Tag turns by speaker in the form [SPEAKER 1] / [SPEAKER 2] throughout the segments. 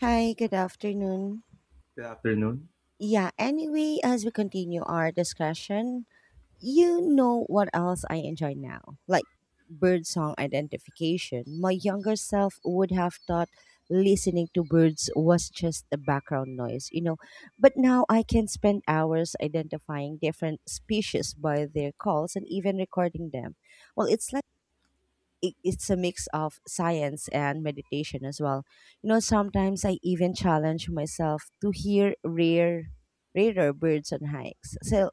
[SPEAKER 1] Hi, good afternoon.
[SPEAKER 2] Good afternoon.
[SPEAKER 1] Yeah, anyway, as we continue our discussion, you know what else I enjoy now? Like bird song identification. My younger self would have thought listening to birds was just a background noise, you know. But now I can spend hours identifying different species by their calls and even recording them. Well, it's like it's a mix of science and meditation as well. You know, sometimes I even challenge myself to hear rarer birds on hikes. So,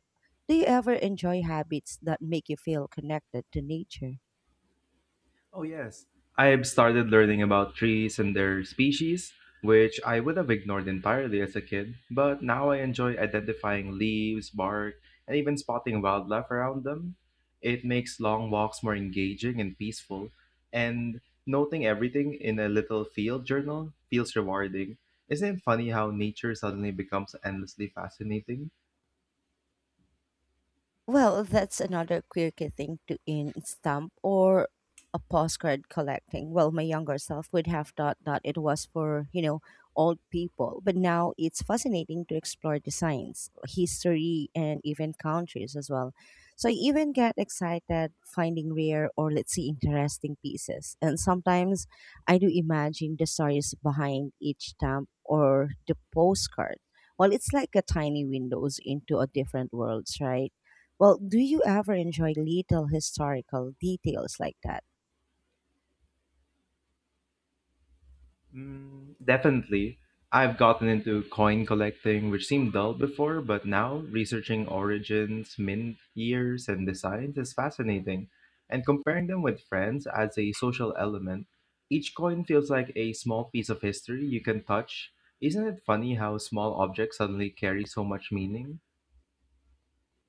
[SPEAKER 1] do you ever enjoy habits that make you feel connected to nature?
[SPEAKER 2] Oh, yes. I've started learning about trees and their species, which I would have ignored entirely as a kid, but now I enjoy identifying leaves, bark, and even spotting wildlife around them. It makes long walks more engaging and peaceful, and noting everything in a little field journal feels rewarding. Isn't it funny how nature suddenly becomes endlessly fascinating?
[SPEAKER 1] Well, that's another quirky thing to in stamp or a postcard collecting. Well, my younger self would have thought that it was for, you know, old people, but now it's fascinating to explore designs, history, and even countries as well. So I even get excited finding rare or let's say interesting pieces. And sometimes I do imagine the stories behind each stamp or the postcard. Well, it's like a tiny windows into a different worlds, right? Well, do you ever enjoy little historical details like that?
[SPEAKER 2] Mm, definitely. I've gotten into coin collecting, which seemed dull before, but now researching origins, mint years, and designs is fascinating. And comparing them with friends adds a social element. Each coin feels like a small piece of history you can touch. Isn't it funny how small objects suddenly carry so much meaning?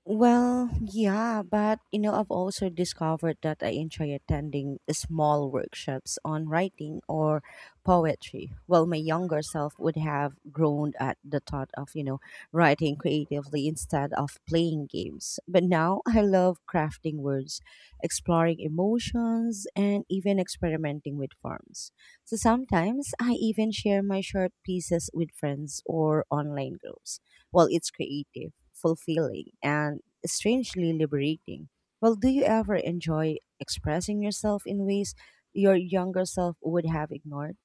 [SPEAKER 1] Well, yeah, but you know, I've also discovered that I enjoy attending small workshops on writing or poetry. Well, my younger self would have groaned at the thought of, you know, writing creatively instead of playing games. But now I love crafting words, exploring emotions, and even experimenting with forms. So sometimes I even share my short pieces with friends or online groups. Well, it's creative, fulfilling, and strangely liberating. Well, do you ever enjoy expressing yourself in ways your younger self would have ignored?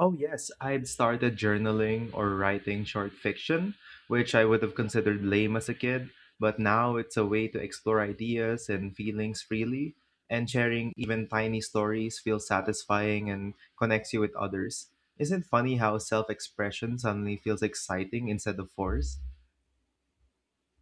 [SPEAKER 2] Oh, yes, I'd started journaling or writing short fiction, which I would have considered lame as a kid, but now it's a way to explore ideas and feelings freely, and sharing even tiny stories feels satisfying and connects you with others. Isn't it funny how self expression suddenly feels exciting instead of forced?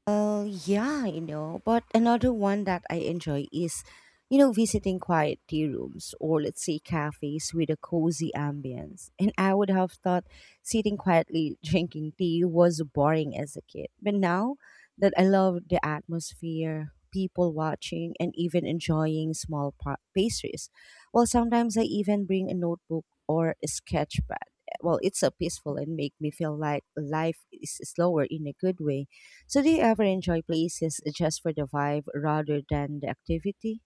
[SPEAKER 1] Well, yeah, you know, but another one that I enjoy is, you know, visiting quiet tea rooms or let's say cafes with a cozy ambience. And I would have thought sitting quietly drinking tea was boring as a kid. But now that I love the atmosphere, people watching, and even enjoying small pastries, well, sometimes I even bring a notebook or a sketchpad. Well, it's a peaceful and make me feel like life is slower in a good way. So, do you ever enjoy places just for the vibe rather than the activity?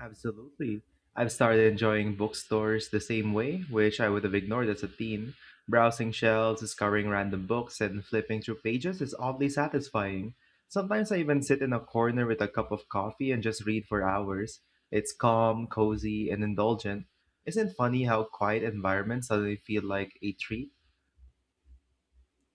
[SPEAKER 2] Absolutely. I've started enjoying bookstores the same way, which I would have ignored as a teen. Browsing shelves, discovering random books, and flipping through pages is oddly satisfying. Sometimes I even sit in a corner with a cup of coffee and just read for hours. It's calm, cozy, and indulgent. Isn't it funny how quiet environments suddenly feel like a treat?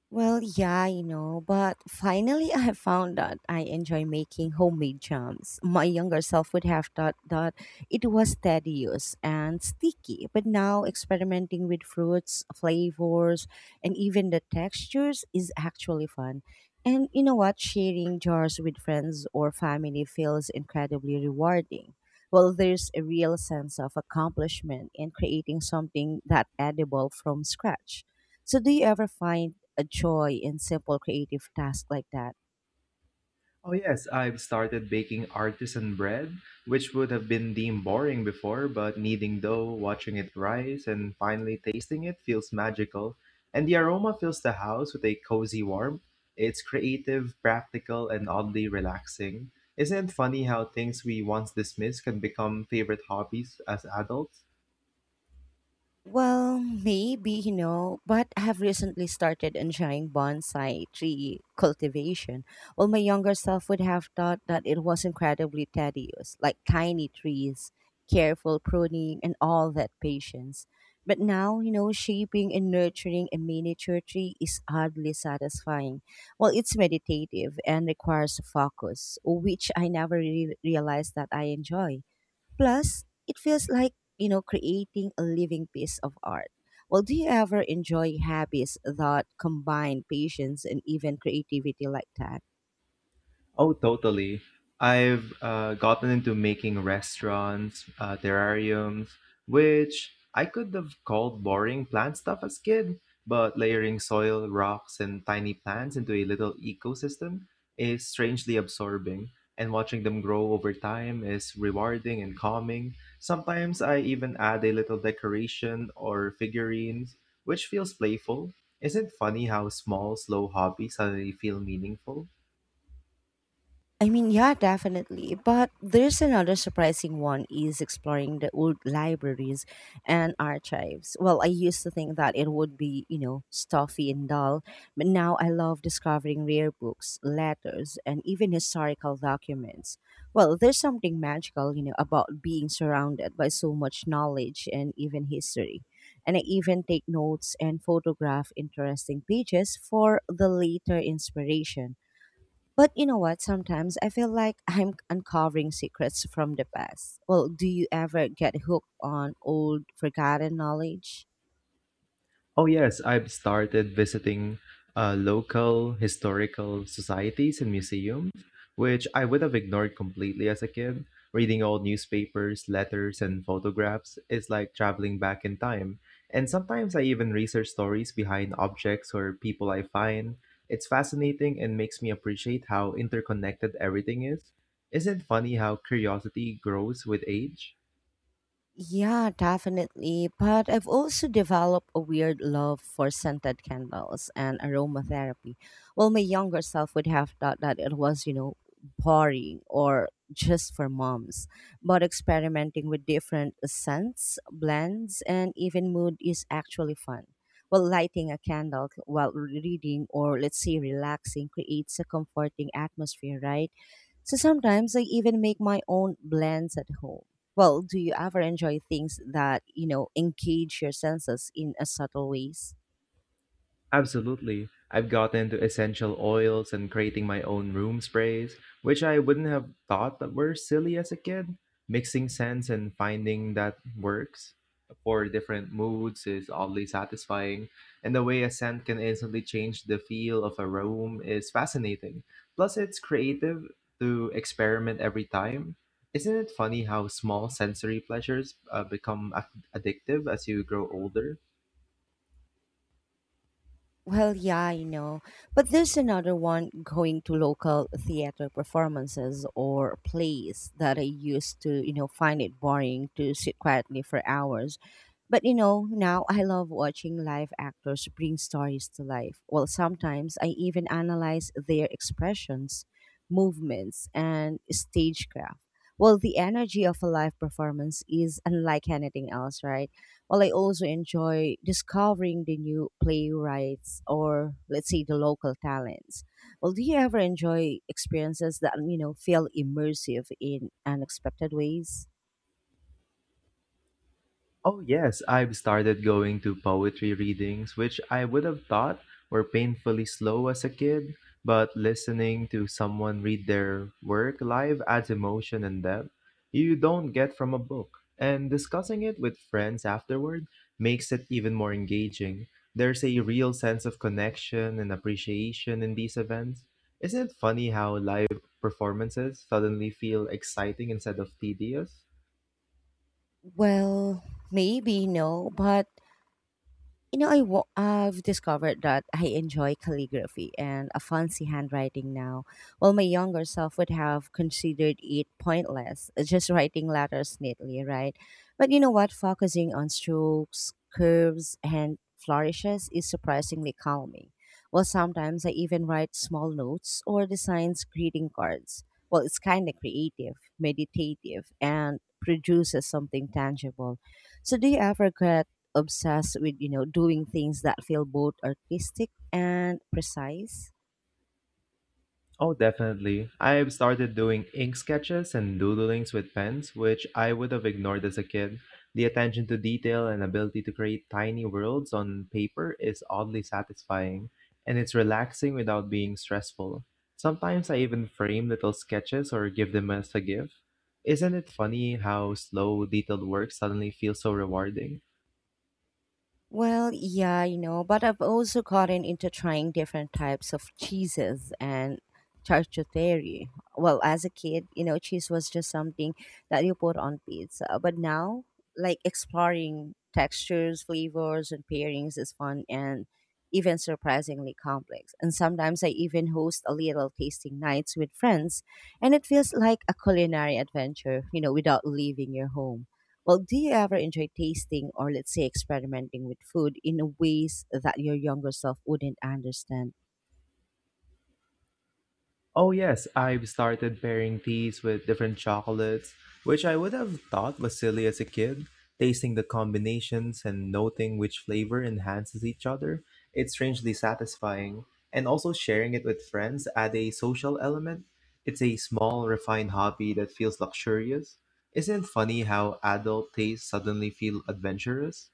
[SPEAKER 1] Well, yeah, you know, but finally I have found that I enjoy making homemade jams. My younger self would have thought that it was tedious and sticky, but now experimenting with fruits, flavors, and even the textures is actually fun. And you know what? Sharing jars with friends or family feels incredibly rewarding. Well, there's a real sense of accomplishment in creating something that edible from scratch. So, do you ever find a joy in simple creative tasks like that?
[SPEAKER 2] Oh, yes, I've started baking artisan bread, which would have been deemed boring before, but kneading dough, watching it rise, and finally tasting it feels magical. And the aroma fills the house with a cozy warmth. It's creative, practical, and oddly relaxing. Isn't it funny how things we once dismissed can become favorite hobbies as adults?
[SPEAKER 1] Well, maybe, you know, but I have recently started enjoying bonsai tree cultivation. Well, my younger self would have thought that it was incredibly tedious, like tiny trees, careful pruning, and all that patience. But now, you know, shaping and nurturing a miniature tree is oddly satisfying. Well, it's meditative and requires focus, which I never realized that I enjoy. Plus, it feels like, you know, creating a living piece of art. Well, do you ever enjoy hobbies that combine patience and even creativity like that?
[SPEAKER 2] Oh, totally. I've gotten into making restaurants, terrariums, which I could have called boring plant stuff as kid, but layering soil, rocks, and tiny plants into a little ecosystem is strangely absorbing, and watching them grow over time is rewarding and calming. Sometimes I even add a little decoration or figurines, which feels playful. Isn't it funny how small, slow hobbies suddenly feel meaningful?
[SPEAKER 1] I mean, yeah, definitely. But there's another surprising one is exploring the old libraries and archives. Well, I used to think that it would be, you know, stuffy and dull, but now I love discovering rare books, letters, and even historical documents. Well, there's something magical, you know, about being surrounded by so much knowledge and even history. And I even take notes and photograph interesting pages for the later inspiration. But you know what? Sometimes I feel like I'm uncovering secrets from the past. Well, do you ever get hooked on old, forgotten knowledge?
[SPEAKER 2] Oh, yes, I've started visiting local historical societies and museums, which I would have ignored completely as a kid. Reading old newspapers, letters, and photographs is like traveling back in time. And sometimes I even research stories behind objects or people I find. It's fascinating and makes me appreciate how interconnected everything is. Isn't it funny how curiosity grows with age?
[SPEAKER 1] Yeah, definitely. But I've also developed a weird love for scented candles and aromatherapy. Well, my younger self would have thought that it was, you know, boring or just for moms. But experimenting with different scents, blends, and even mood is actually fun. Well, lighting a candle while reading or let's say relaxing creates a comforting atmosphere, right? So sometimes I even make my own blends at home. Well, do you ever enjoy things that, you know, engage your senses in a subtle ways?
[SPEAKER 2] Absolutely. I've gotten into essential oils and creating my own room sprays, which I wouldn't have thought that were silly as a kid. Mixing scents and finding that works for different moods is oddly satisfying, and the way a scent can instantly change the feel of a room is fascinating. Plus, it's creative to experiment every time. Isn't it funny how small sensory pleasures become addictive as you grow older?
[SPEAKER 1] Well, yeah, I know. But there's another one going to local theater performances or plays that I used to, you know, find it boring to sit quietly for hours. But, you know, now I love watching live actors bring stories to life. Well, sometimes I even analyze their expressions, movements, and stagecraft. Well, the energy of a live performance is unlike anything else, right? Well, I also enjoy discovering the new playwrights or let's say the local talents. Well, do you ever enjoy experiences that, you know, feel immersive in unexpected ways?
[SPEAKER 2] Oh, yes, I've started going to poetry readings, which I would have thought were painfully slow as a kid, but listening to someone read their work live adds emotion and depth you don't get from a book. And discussing it with friends afterward makes it even more engaging. There's a real sense of connection and appreciation in these events. Isn't it funny how live performances suddenly feel exciting instead of tedious?
[SPEAKER 1] Well, maybe no, but you know, I've discovered that I enjoy calligraphy and a fancy handwriting now, while my younger self would have considered it pointless, just writing letters neatly, right? But you know what? Focusing on strokes, curves, and flourishes is surprisingly calming. Well, sometimes I even write small notes or designs greeting cards. Well, it's kind of creative, meditative, and produces something tangible. So, do you ever get obsessed with, you know, doing things that feel both artistic and precise?
[SPEAKER 2] Oh, definitely. I've started doing ink sketches and doodlings with pens, which I would have ignored as a kid. The attention to detail and ability to create tiny worlds on paper is oddly satisfying, and it's relaxing without being stressful. Sometimes I even frame little sketches or give them as a gift. Isn't it funny how slow, detailed work suddenly feels so rewarding?
[SPEAKER 1] Well, yeah, you know, but I've also gotten into trying different types of cheeses and charcuterie. Well, as a kid, you know, cheese was just something that you put on pizza. But now, like exploring textures, flavors, and pairings is fun and even surprisingly complex. And sometimes I even host a little tasting nights with friends, and it feels like a culinary adventure, you know, without leaving your home. Well, do you ever enjoy tasting or, let's say, experimenting with food in a ways that your younger self wouldn't understand?
[SPEAKER 2] Oh, yes, I've started pairing these with different chocolates, which I would have thought was silly as a kid. Tasting the combinations and noting which flavor enhances each other, it's strangely satisfying. And also sharing it with friends add a social element. It's a small, refined hobby that feels luxurious. Isn't it funny how adult tastes suddenly feel adventurous?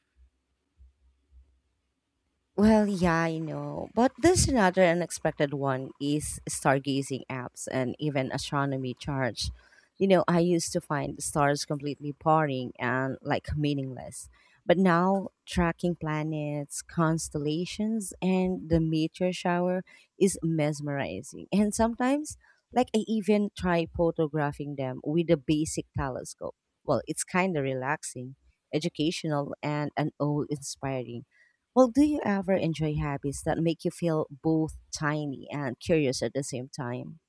[SPEAKER 1] Well, yeah, I know. But there's another unexpected one is stargazing apps and even astronomy charts. You know, I used to find the stars completely boring and like meaningless. But now tracking planets, constellations, and the meteor shower is mesmerizing. And sometimes, like, I even try photographing them with a basic telescope. Well, it's kind of relaxing, educational, and an awe inspiring. Well, do you ever enjoy hobbies that make you feel both tiny and curious at the same time?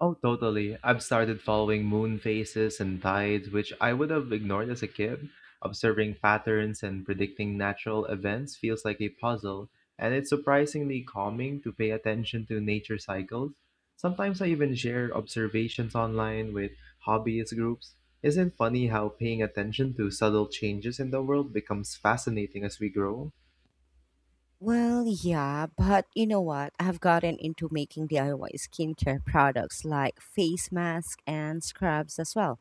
[SPEAKER 2] Oh, totally. I've started following moon phases and tides, which I would have ignored as a kid. Observing patterns and predicting natural events feels like a puzzle, and it's surprisingly calming to pay attention to nature cycles. Sometimes I even share observations online with hobbyist groups. Isn't it funny how paying attention to subtle changes in the world becomes fascinating as we grow?
[SPEAKER 1] Well, yeah, but you know what? I've gotten into making DIY skincare products like face masks and scrubs as well.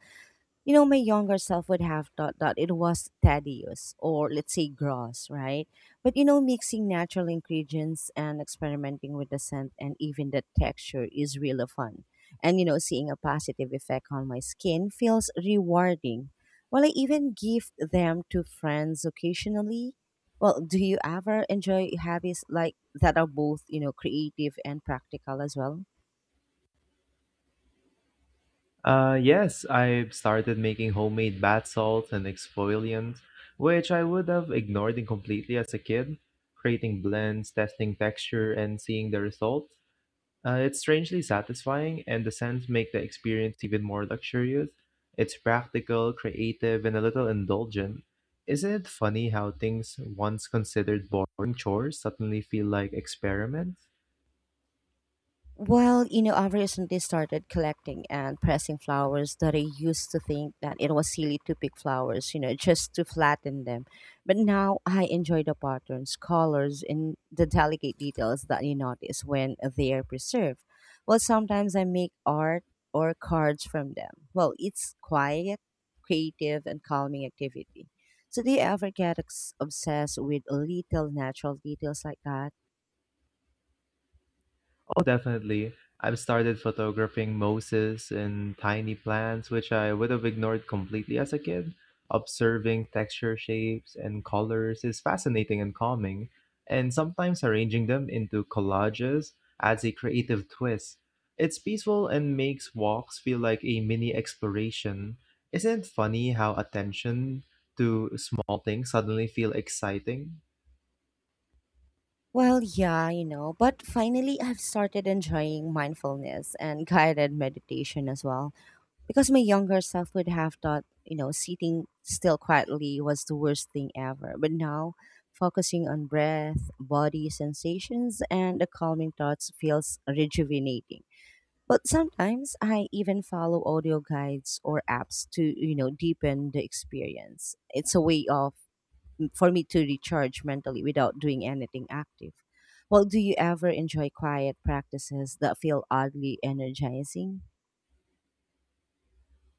[SPEAKER 1] You know, my younger self would have thought that it was tedious or let's say gross, right? But you know, mixing natural ingredients and experimenting with the scent and even the texture is really fun. And you know, seeing a positive effect on my skin feels rewarding. Well, I even give them to friends occasionally. Well, do you ever enjoy hobbies like that are both, you know, creative and practical as well?
[SPEAKER 2] Yes, I've started making homemade bath salts and exfoliants, which I would have ignored completely as a kid. Creating blends, testing texture, and seeing the results. It's strangely satisfying, and the scents make the experience even more luxurious. It's practical, creative, and a little indulgent. Isn't it funny how things once considered boring chores suddenly feel like experiments?
[SPEAKER 1] Well, you know, I recently started collecting and pressing flowers that I used to think that it was silly to pick flowers, you know, just to flatten them. But now I enjoy the patterns, colors, and the delicate details that you notice when they are preserved. Well, sometimes I make art or cards from them. Well, it's quiet, creative, and calming activity. So, do you ever get obsessed with little natural details like that?
[SPEAKER 2] Oh, definitely. I've started photographing mosses and tiny plants, which I would have ignored completely as a kid. Observing texture, shapes, and colors is fascinating and calming, and sometimes arranging them into collages adds a creative twist. It's peaceful and makes walks feel like a mini exploration. Isn't it funny how attention to small things suddenly feel exciting?
[SPEAKER 1] Well, yeah, you know, but finally I've started enjoying mindfulness and guided meditation as well. Because my younger self would have thought, you know, sitting still quietly was the worst thing ever. But now, focusing on breath, body sensations, and the calming thoughts feels rejuvenating. But sometimes I even follow audio guides or apps to, you know, deepen the experience. It's a way of for me to recharge mentally without doing anything active. Well, do you ever enjoy quiet practices that feel oddly energizing?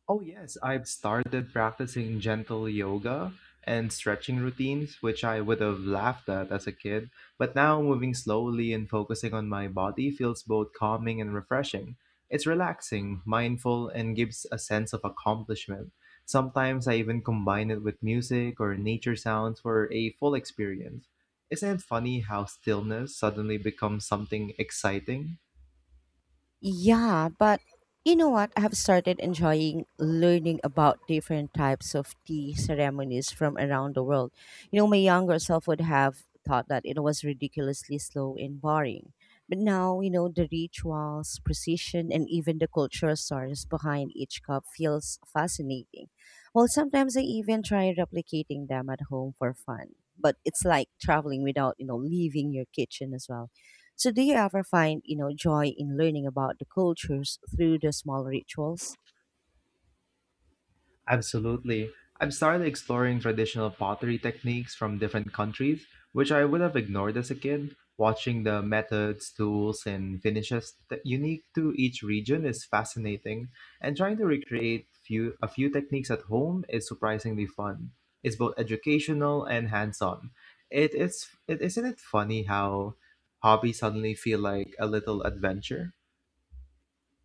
[SPEAKER 2] Oh, yes, I've started practicing gentle yoga and stretching routines, which I would have laughed at as a kid. But now moving slowly and focusing on my body feels both calming and refreshing. It's relaxing, mindful, and gives a sense of accomplishment. Sometimes I even combine it with music or nature sounds for a full experience. Isn't it funny how stillness suddenly becomes something exciting?
[SPEAKER 1] Yeah, but you know what? I have started enjoying learning about different types of tea ceremonies from around the world. You know, my younger self would have thought that it was ridiculously slow and boring. But now, you know, the rituals, precision, and even the cultural stories behind each cup feels fascinating. Well, sometimes I even try replicating them at home for fun. But it's like traveling without, you know, leaving your kitchen as well. So do you ever find, you know, joy in learning about the cultures through the small rituals?
[SPEAKER 2] Absolutely. I've started exploring traditional pottery techniques from different countries, which I would have ignored as a kid. Watching the methods, tools, and finishes that unique to each region is fascinating, and trying to recreate a few techniques at home is surprisingly fun. It's both educational and hands-on. Isn't it funny how hobbies suddenly feel like a little adventure?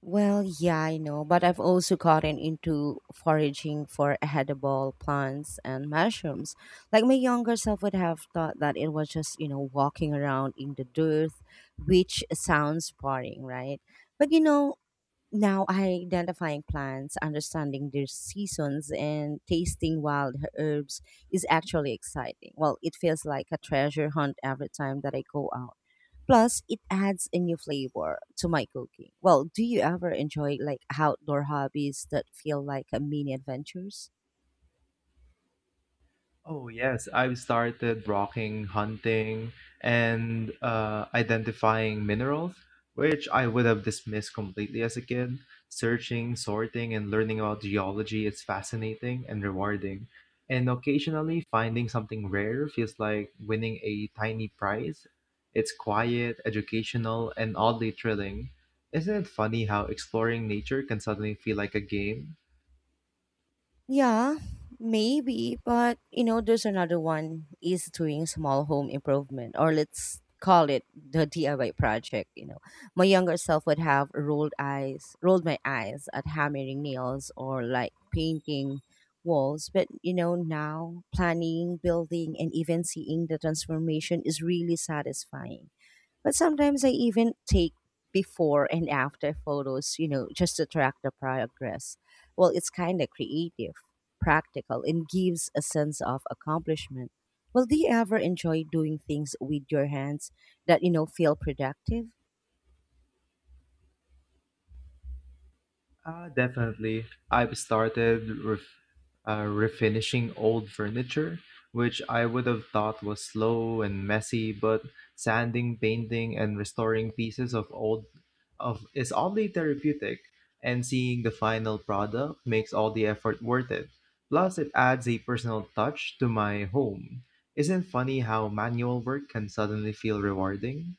[SPEAKER 1] Well, yeah, I know, but I've also gotten into foraging for edible plants and mushrooms. Like my younger self would have thought that it was just, you know, walking around in the dirt, which sounds boring, right? But you know, now, identifying plants, understanding their seasons, and tasting wild herbs is actually exciting. Well, it feels like a treasure hunt every time that I go out. Plus, it adds a new flavor to my cooking. Well, do you ever enjoy like outdoor hobbies that feel like a mini adventures?
[SPEAKER 2] Oh yes, I've started rocking, hunting, and identifying minerals, which I would have dismissed completely as a kid. Searching, sorting, and learning about geology is fascinating and rewarding. And occasionally finding something rare feels like winning a tiny prize. It's quiet, educational, and oddly thrilling. Isn't it funny how exploring nature can suddenly feel like a game?
[SPEAKER 1] Yeah, maybe, but you know, there's another one is doing small home improvement, or let's call it the DIY project. You know, my younger self would have rolled my eyes at hammering nails or like painting walls, but you know, now planning, building, and even seeing the transformation is really satisfying, but sometimes I even take before and after photos, you know, just to track the progress. Well, it's kind of creative, practical, and gives a sense of accomplishment. Well, do you ever enjoy doing things with your hands that, you know, feel productive?
[SPEAKER 2] Definitely. I've started refinishing old furniture, which I would have thought was slow and messy, but sanding, painting, and restoring pieces of old of is oddly therapeutic, and seeing the final product makes all the effort worth it. Plus, it adds a personal touch to my home. Isn't funny how manual work can suddenly feel rewarding?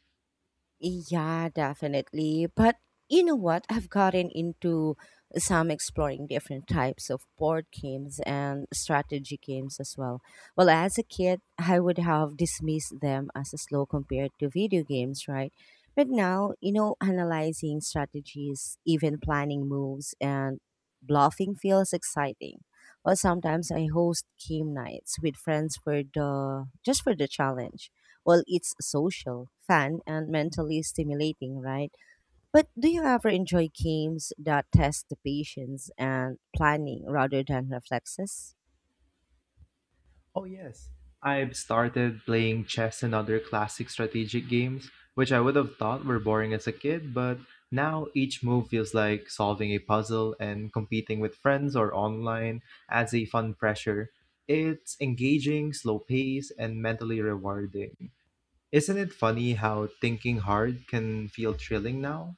[SPEAKER 1] Yeah, definitely. But you know what? I've gotten into some exploring different types of board games and strategy games as well. Well, as a kid, I would have dismissed them as slow compared to video games, right? But now, you know, analyzing strategies, even planning moves and bluffing feels exciting. Well, sometimes I host game nights with friends for the just for the challenge. Well, it's social, fun, and mentally stimulating, right? But do you ever enjoy games that test the patience and planning rather than reflexes?
[SPEAKER 2] Oh, yes. I've started playing chess and other classic strategic games, which I would have thought were boring as a kid, but now each move feels like solving a puzzle and competing with friends or online adds a fun pressure. It's engaging, slow pace, and mentally rewarding. Isn't it funny how thinking hard can feel thrilling now?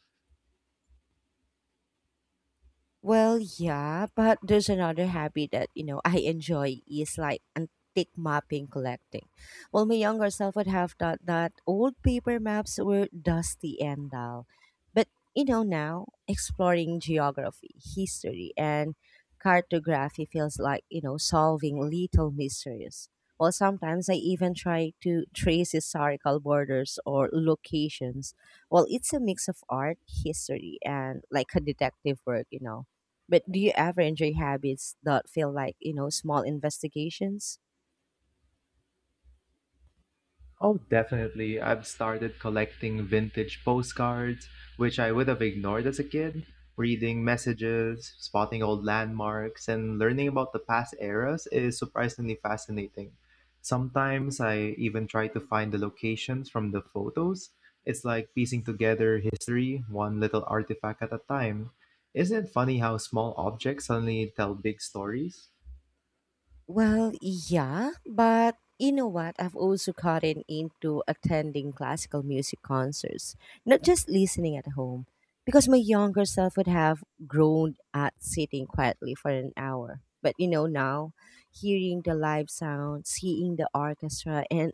[SPEAKER 1] Well, yeah, but there's another hobby that, you know, I enjoy is like antique mapping collecting. Well, my younger self would have thought that old paper maps were dusty and dull. But, you know, now exploring geography, history, and cartography feels like, you know, solving little mysteries. Well, sometimes I even try to trace historical borders or locations. Well, it's a mix of art, history, and like a detective work, you know, but do you ever enjoy habits that feel like, you know, small investigations?
[SPEAKER 2] Oh, definitely. I've started collecting vintage postcards, which I would have ignored as a kid, reading messages, spotting old landmarks, and learning about the past eras is surprisingly fascinating. Sometimes I even try to find the locations from the photos. It's like piecing together history, one little artifact at a time. Isn't it funny how small objects suddenly tell big stories?
[SPEAKER 1] Well, yeah, but you know what? I've also gotten into attending classical music concerts, not just listening at home, because my younger self would have groaned at sitting quietly for an hour. But you know, now hearing the live sound, seeing the orchestra, and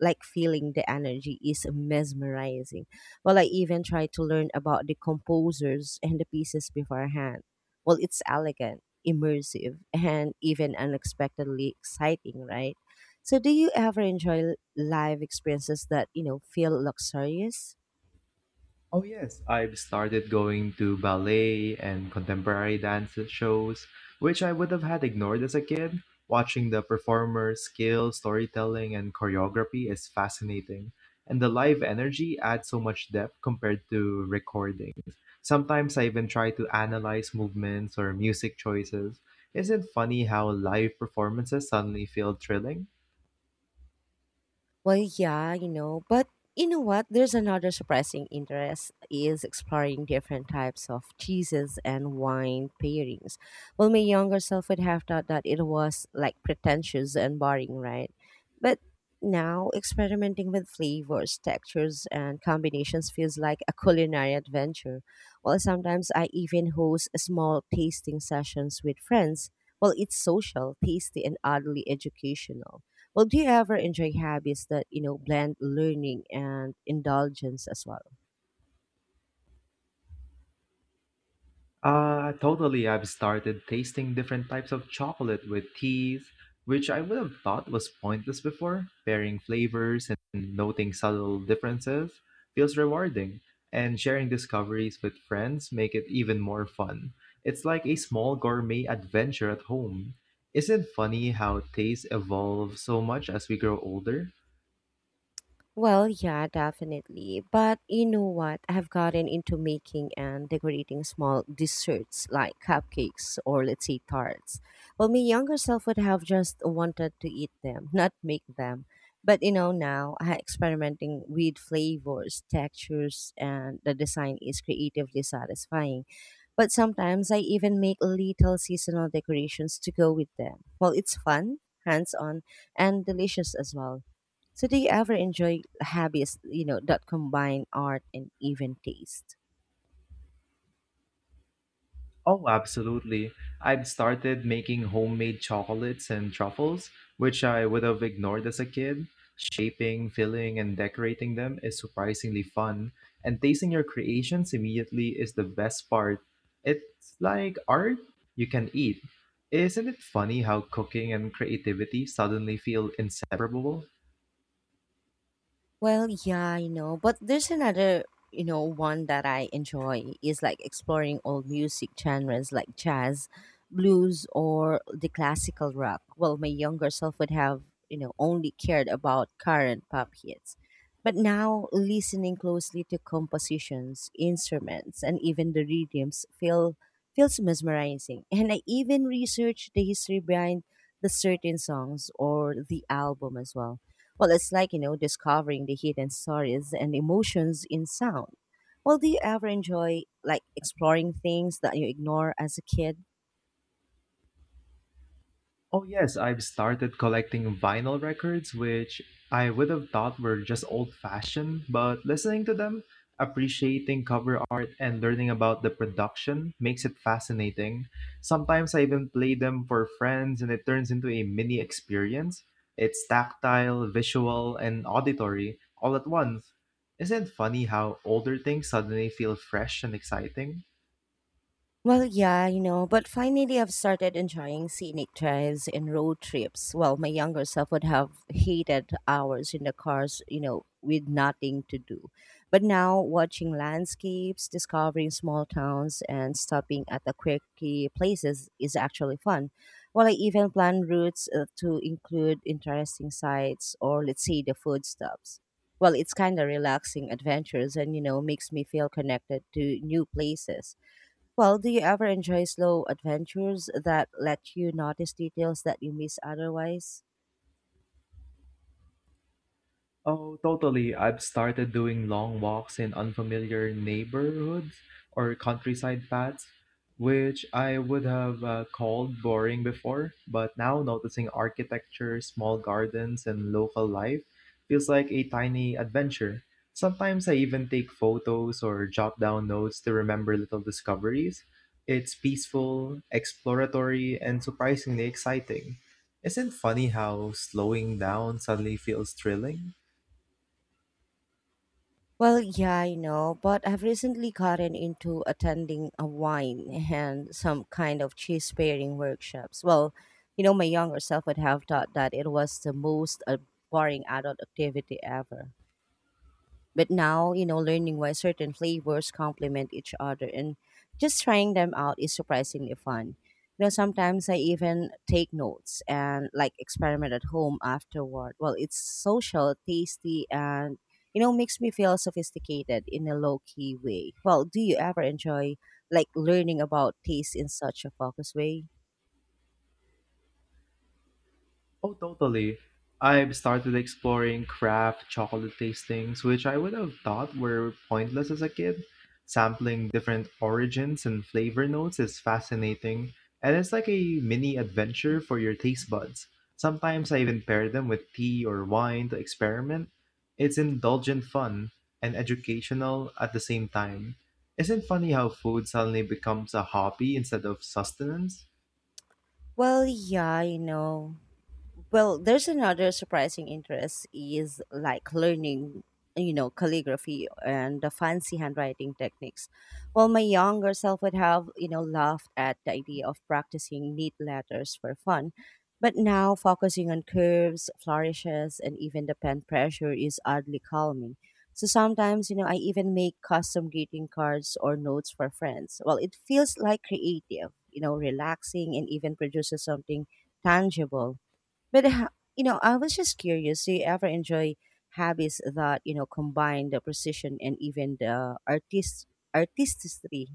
[SPEAKER 1] like feeling the energy is mesmerizing. Well, I even tried to learn about the composers and the pieces beforehand. Well, it's elegant, immersive, and even unexpectedly exciting, right? So do you ever enjoy live experiences that, you know, feel luxurious?
[SPEAKER 2] Oh yes, I've started going to ballet and contemporary dance shows, which I would have had ignored as a kid. Watching the performers' skill, storytelling, and choreography is fascinating, and the live energy adds so much depth compared to recordings. Sometimes I even try to analyze movements or music choices. Isn't it funny how live performances suddenly feel thrilling?
[SPEAKER 1] Well, yeah, you know, but you know what? There's another surprising interest is exploring different types of cheeses and wine pairings. Well, my younger self would have thought that it was like pretentious and boring, right? But now experimenting with flavors, textures, and combinations feels like a culinary adventure. Well, sometimes I even host small tasting sessions with friends. Well, it's social, tasty, and oddly educational. Well, do you ever enjoy hobbies that, you know, blend learning and indulgence as well?
[SPEAKER 2] Totally. I've started tasting different types of chocolate with teas, which I would have thought was pointless before. Pairing flavors and noting subtle differences feels rewarding, and sharing discoveries with friends make it even more fun. It's like a small gourmet adventure at home. Isn't it funny how taste evolves so much as we grow older?
[SPEAKER 1] Well, yeah, definitely. But you know what? I've gotten into making and decorating small desserts like cupcakes or let's say tarts. Well, my younger self would have just wanted to eat them, not make them. But you know, now I experimenting with flavors, textures, and the design is creatively satisfying. But sometimes I even make little seasonal decorations to go with them. Well, it's fun, hands-on, and delicious as well. So do you ever enjoy hobbies, you know, that combine art and even taste?
[SPEAKER 2] Oh, absolutely. I've started making homemade chocolates and truffles, which I would have ignored as a kid. Shaping, filling, and decorating them is surprisingly fun, and tasting your creations immediately is the best part. It's like art you can eat. Isn't it funny how cooking and creativity suddenly feel inseparable?
[SPEAKER 1] Well, yeah, you know, but there's another, you know, one that I enjoy is like exploring old music genres like jazz, blues, or the classical rock. Well, my younger self would have, you know, only cared about current pop hits. But now, listening closely to compositions, instruments, and even the rhythms feels mesmerizing. And I even researched the history behind the certain songs or the album as well. Well, it's like, you know, discovering the hidden stories and emotions in sound. Well, do you ever enjoy like exploring things that you ignore as a kid?
[SPEAKER 2] Oh, yes, I've started collecting vinyl records, which I would have thought were just old fashioned, but listening to them, appreciating cover art, and learning about the production makes it fascinating. Sometimes I even play them for friends, and it turns into a mini experience. It's tactile, visual, and auditory all at once. Isn't it funny how older things suddenly feel fresh and exciting?
[SPEAKER 1] Well, yeah, you know, but finally I've started enjoying scenic drives and road trips. Well, my younger self would have hated hours in the cars, you know, with nothing to do. But now watching landscapes, discovering small towns, and stopping at the quirky places is actually fun. Well, I even plan routes to include interesting sites or, let's say, the food stops. Well, it's kind of relaxing adventures and, you know, makes me feel connected to new places. Well, do you ever enjoy slow adventures that let you notice details that you miss otherwise?
[SPEAKER 2] Oh, totally. I've started doing long walks in unfamiliar neighborhoods or countryside paths, which I would have called boring before. But now noticing architecture, small gardens, and local life feels like a tiny adventure. Sometimes I even take photos or jot down notes to remember little discoveries. It's peaceful, exploratory, and surprisingly exciting. Isn't funny how slowing down suddenly feels thrilling?
[SPEAKER 1] Well, yeah, I know, but I've recently gotten into attending a wine and some kind of cheese pairing workshops. Well, you know, my younger self would have thought that it was the most boring adult activity ever. But now, you know, learning why certain flavors complement each other and just trying them out is surprisingly fun. You know, sometimes I even take notes and like experiment at home afterward. Well, it's social, tasty, and you know, makes me feel sophisticated in a low key way. Well, do you ever enjoy like learning about taste in such a focused way?
[SPEAKER 2] Oh, totally. I've started exploring craft chocolate tastings, which I would have thought were pointless as a kid. Sampling different origins and flavor notes is fascinating, and it's like a mini adventure for your taste buds. Sometimes I even pair them with tea or wine to experiment. It's indulgent fun and educational at the same time. Isn't it funny how food suddenly becomes a hobby instead of sustenance?
[SPEAKER 1] Well, yeah, you know. Well, there's another surprising interest is like learning, you know, calligraphy and the fancy handwriting techniques. While my younger self would have, you know, laughed at the idea of practicing neat letters for fun, but now focusing on curves, flourishes, and even the pen pressure is oddly calming. So sometimes, you know, I even make custom greeting cards or notes for friends. Well, it feels like creative, you know, relaxing and even produces something tangible, but you know, I was just curious. Do you ever enjoy hobbies that you know combine the precision and even the artistry?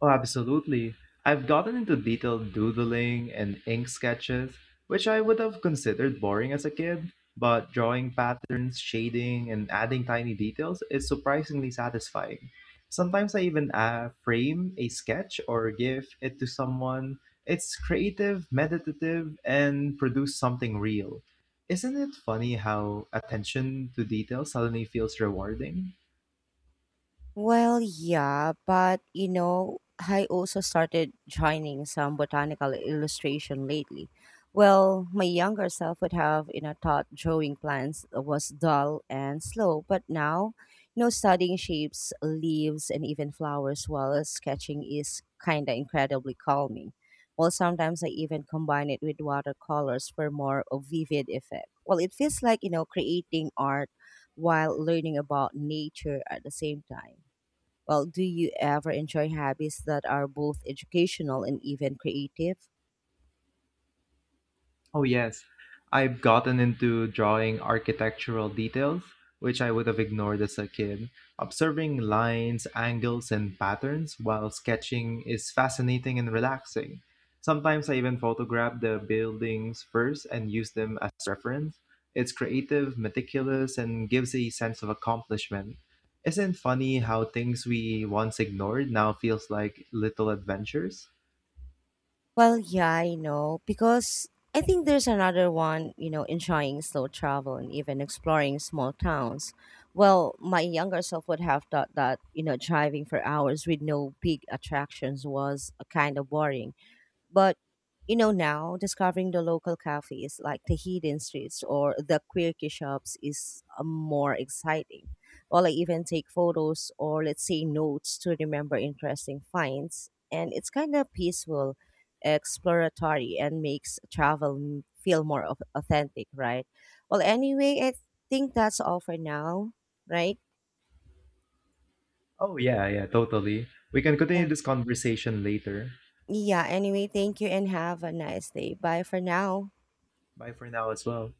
[SPEAKER 2] Oh, absolutely. I've gotten into detailed doodling and ink sketches, which I would have considered boring as a kid, but drawing patterns, shading, and adding tiny details is surprisingly satisfying. Sometimes I even frame a sketch or give it to someone. It's creative, meditative, and produce something real. Isn't it funny how attention to detail suddenly feels rewarding?
[SPEAKER 1] Well, yeah, but you know, I also started joining some botanical illustration lately. Well, my younger self would have, you know, thought drawing plants was dull and slow, but now, you know, studying shapes, leaves, and even flowers while sketching is kinda incredibly calming. Well, sometimes I even combine it with watercolors for more of vivid effect. Well, it feels like, you know, creating art while learning about nature at the same time. Well, do you ever enjoy hobbies that are both educational and even creative?
[SPEAKER 2] Oh, yes. I've gotten into drawing architectural details, which I would have ignored as a kid. Observing lines, angles, and patterns while sketching is fascinating and relaxing. Sometimes I even photograph the buildings first and use them as reference. It's creative, meticulous, and gives a sense of accomplishment. Isn't it funny how things we once ignored now feels like little adventures?
[SPEAKER 1] Well, yeah, I know because I think there's another one, you know, enjoying slow travel and even exploring small towns. Well, my younger self would have thought that, you know, driving for hours with no big attractions was a kind of boring. But you know now discovering the local cafes like the hidden streets or the quirky shops is more exciting. Well, I even take photos or let's say notes to remember interesting finds, and it's kind of peaceful, exploratory, and makes travel feel more authentic, right? Well, anyway, I think that's all for now, right?
[SPEAKER 2] Oh, yeah, yeah, totally. We can continue
[SPEAKER 1] Yeah.
[SPEAKER 2] this conversation later.
[SPEAKER 1] Yeah. Anyway, thank you and have a nice day. Bye for now.
[SPEAKER 2] Bye for now as well.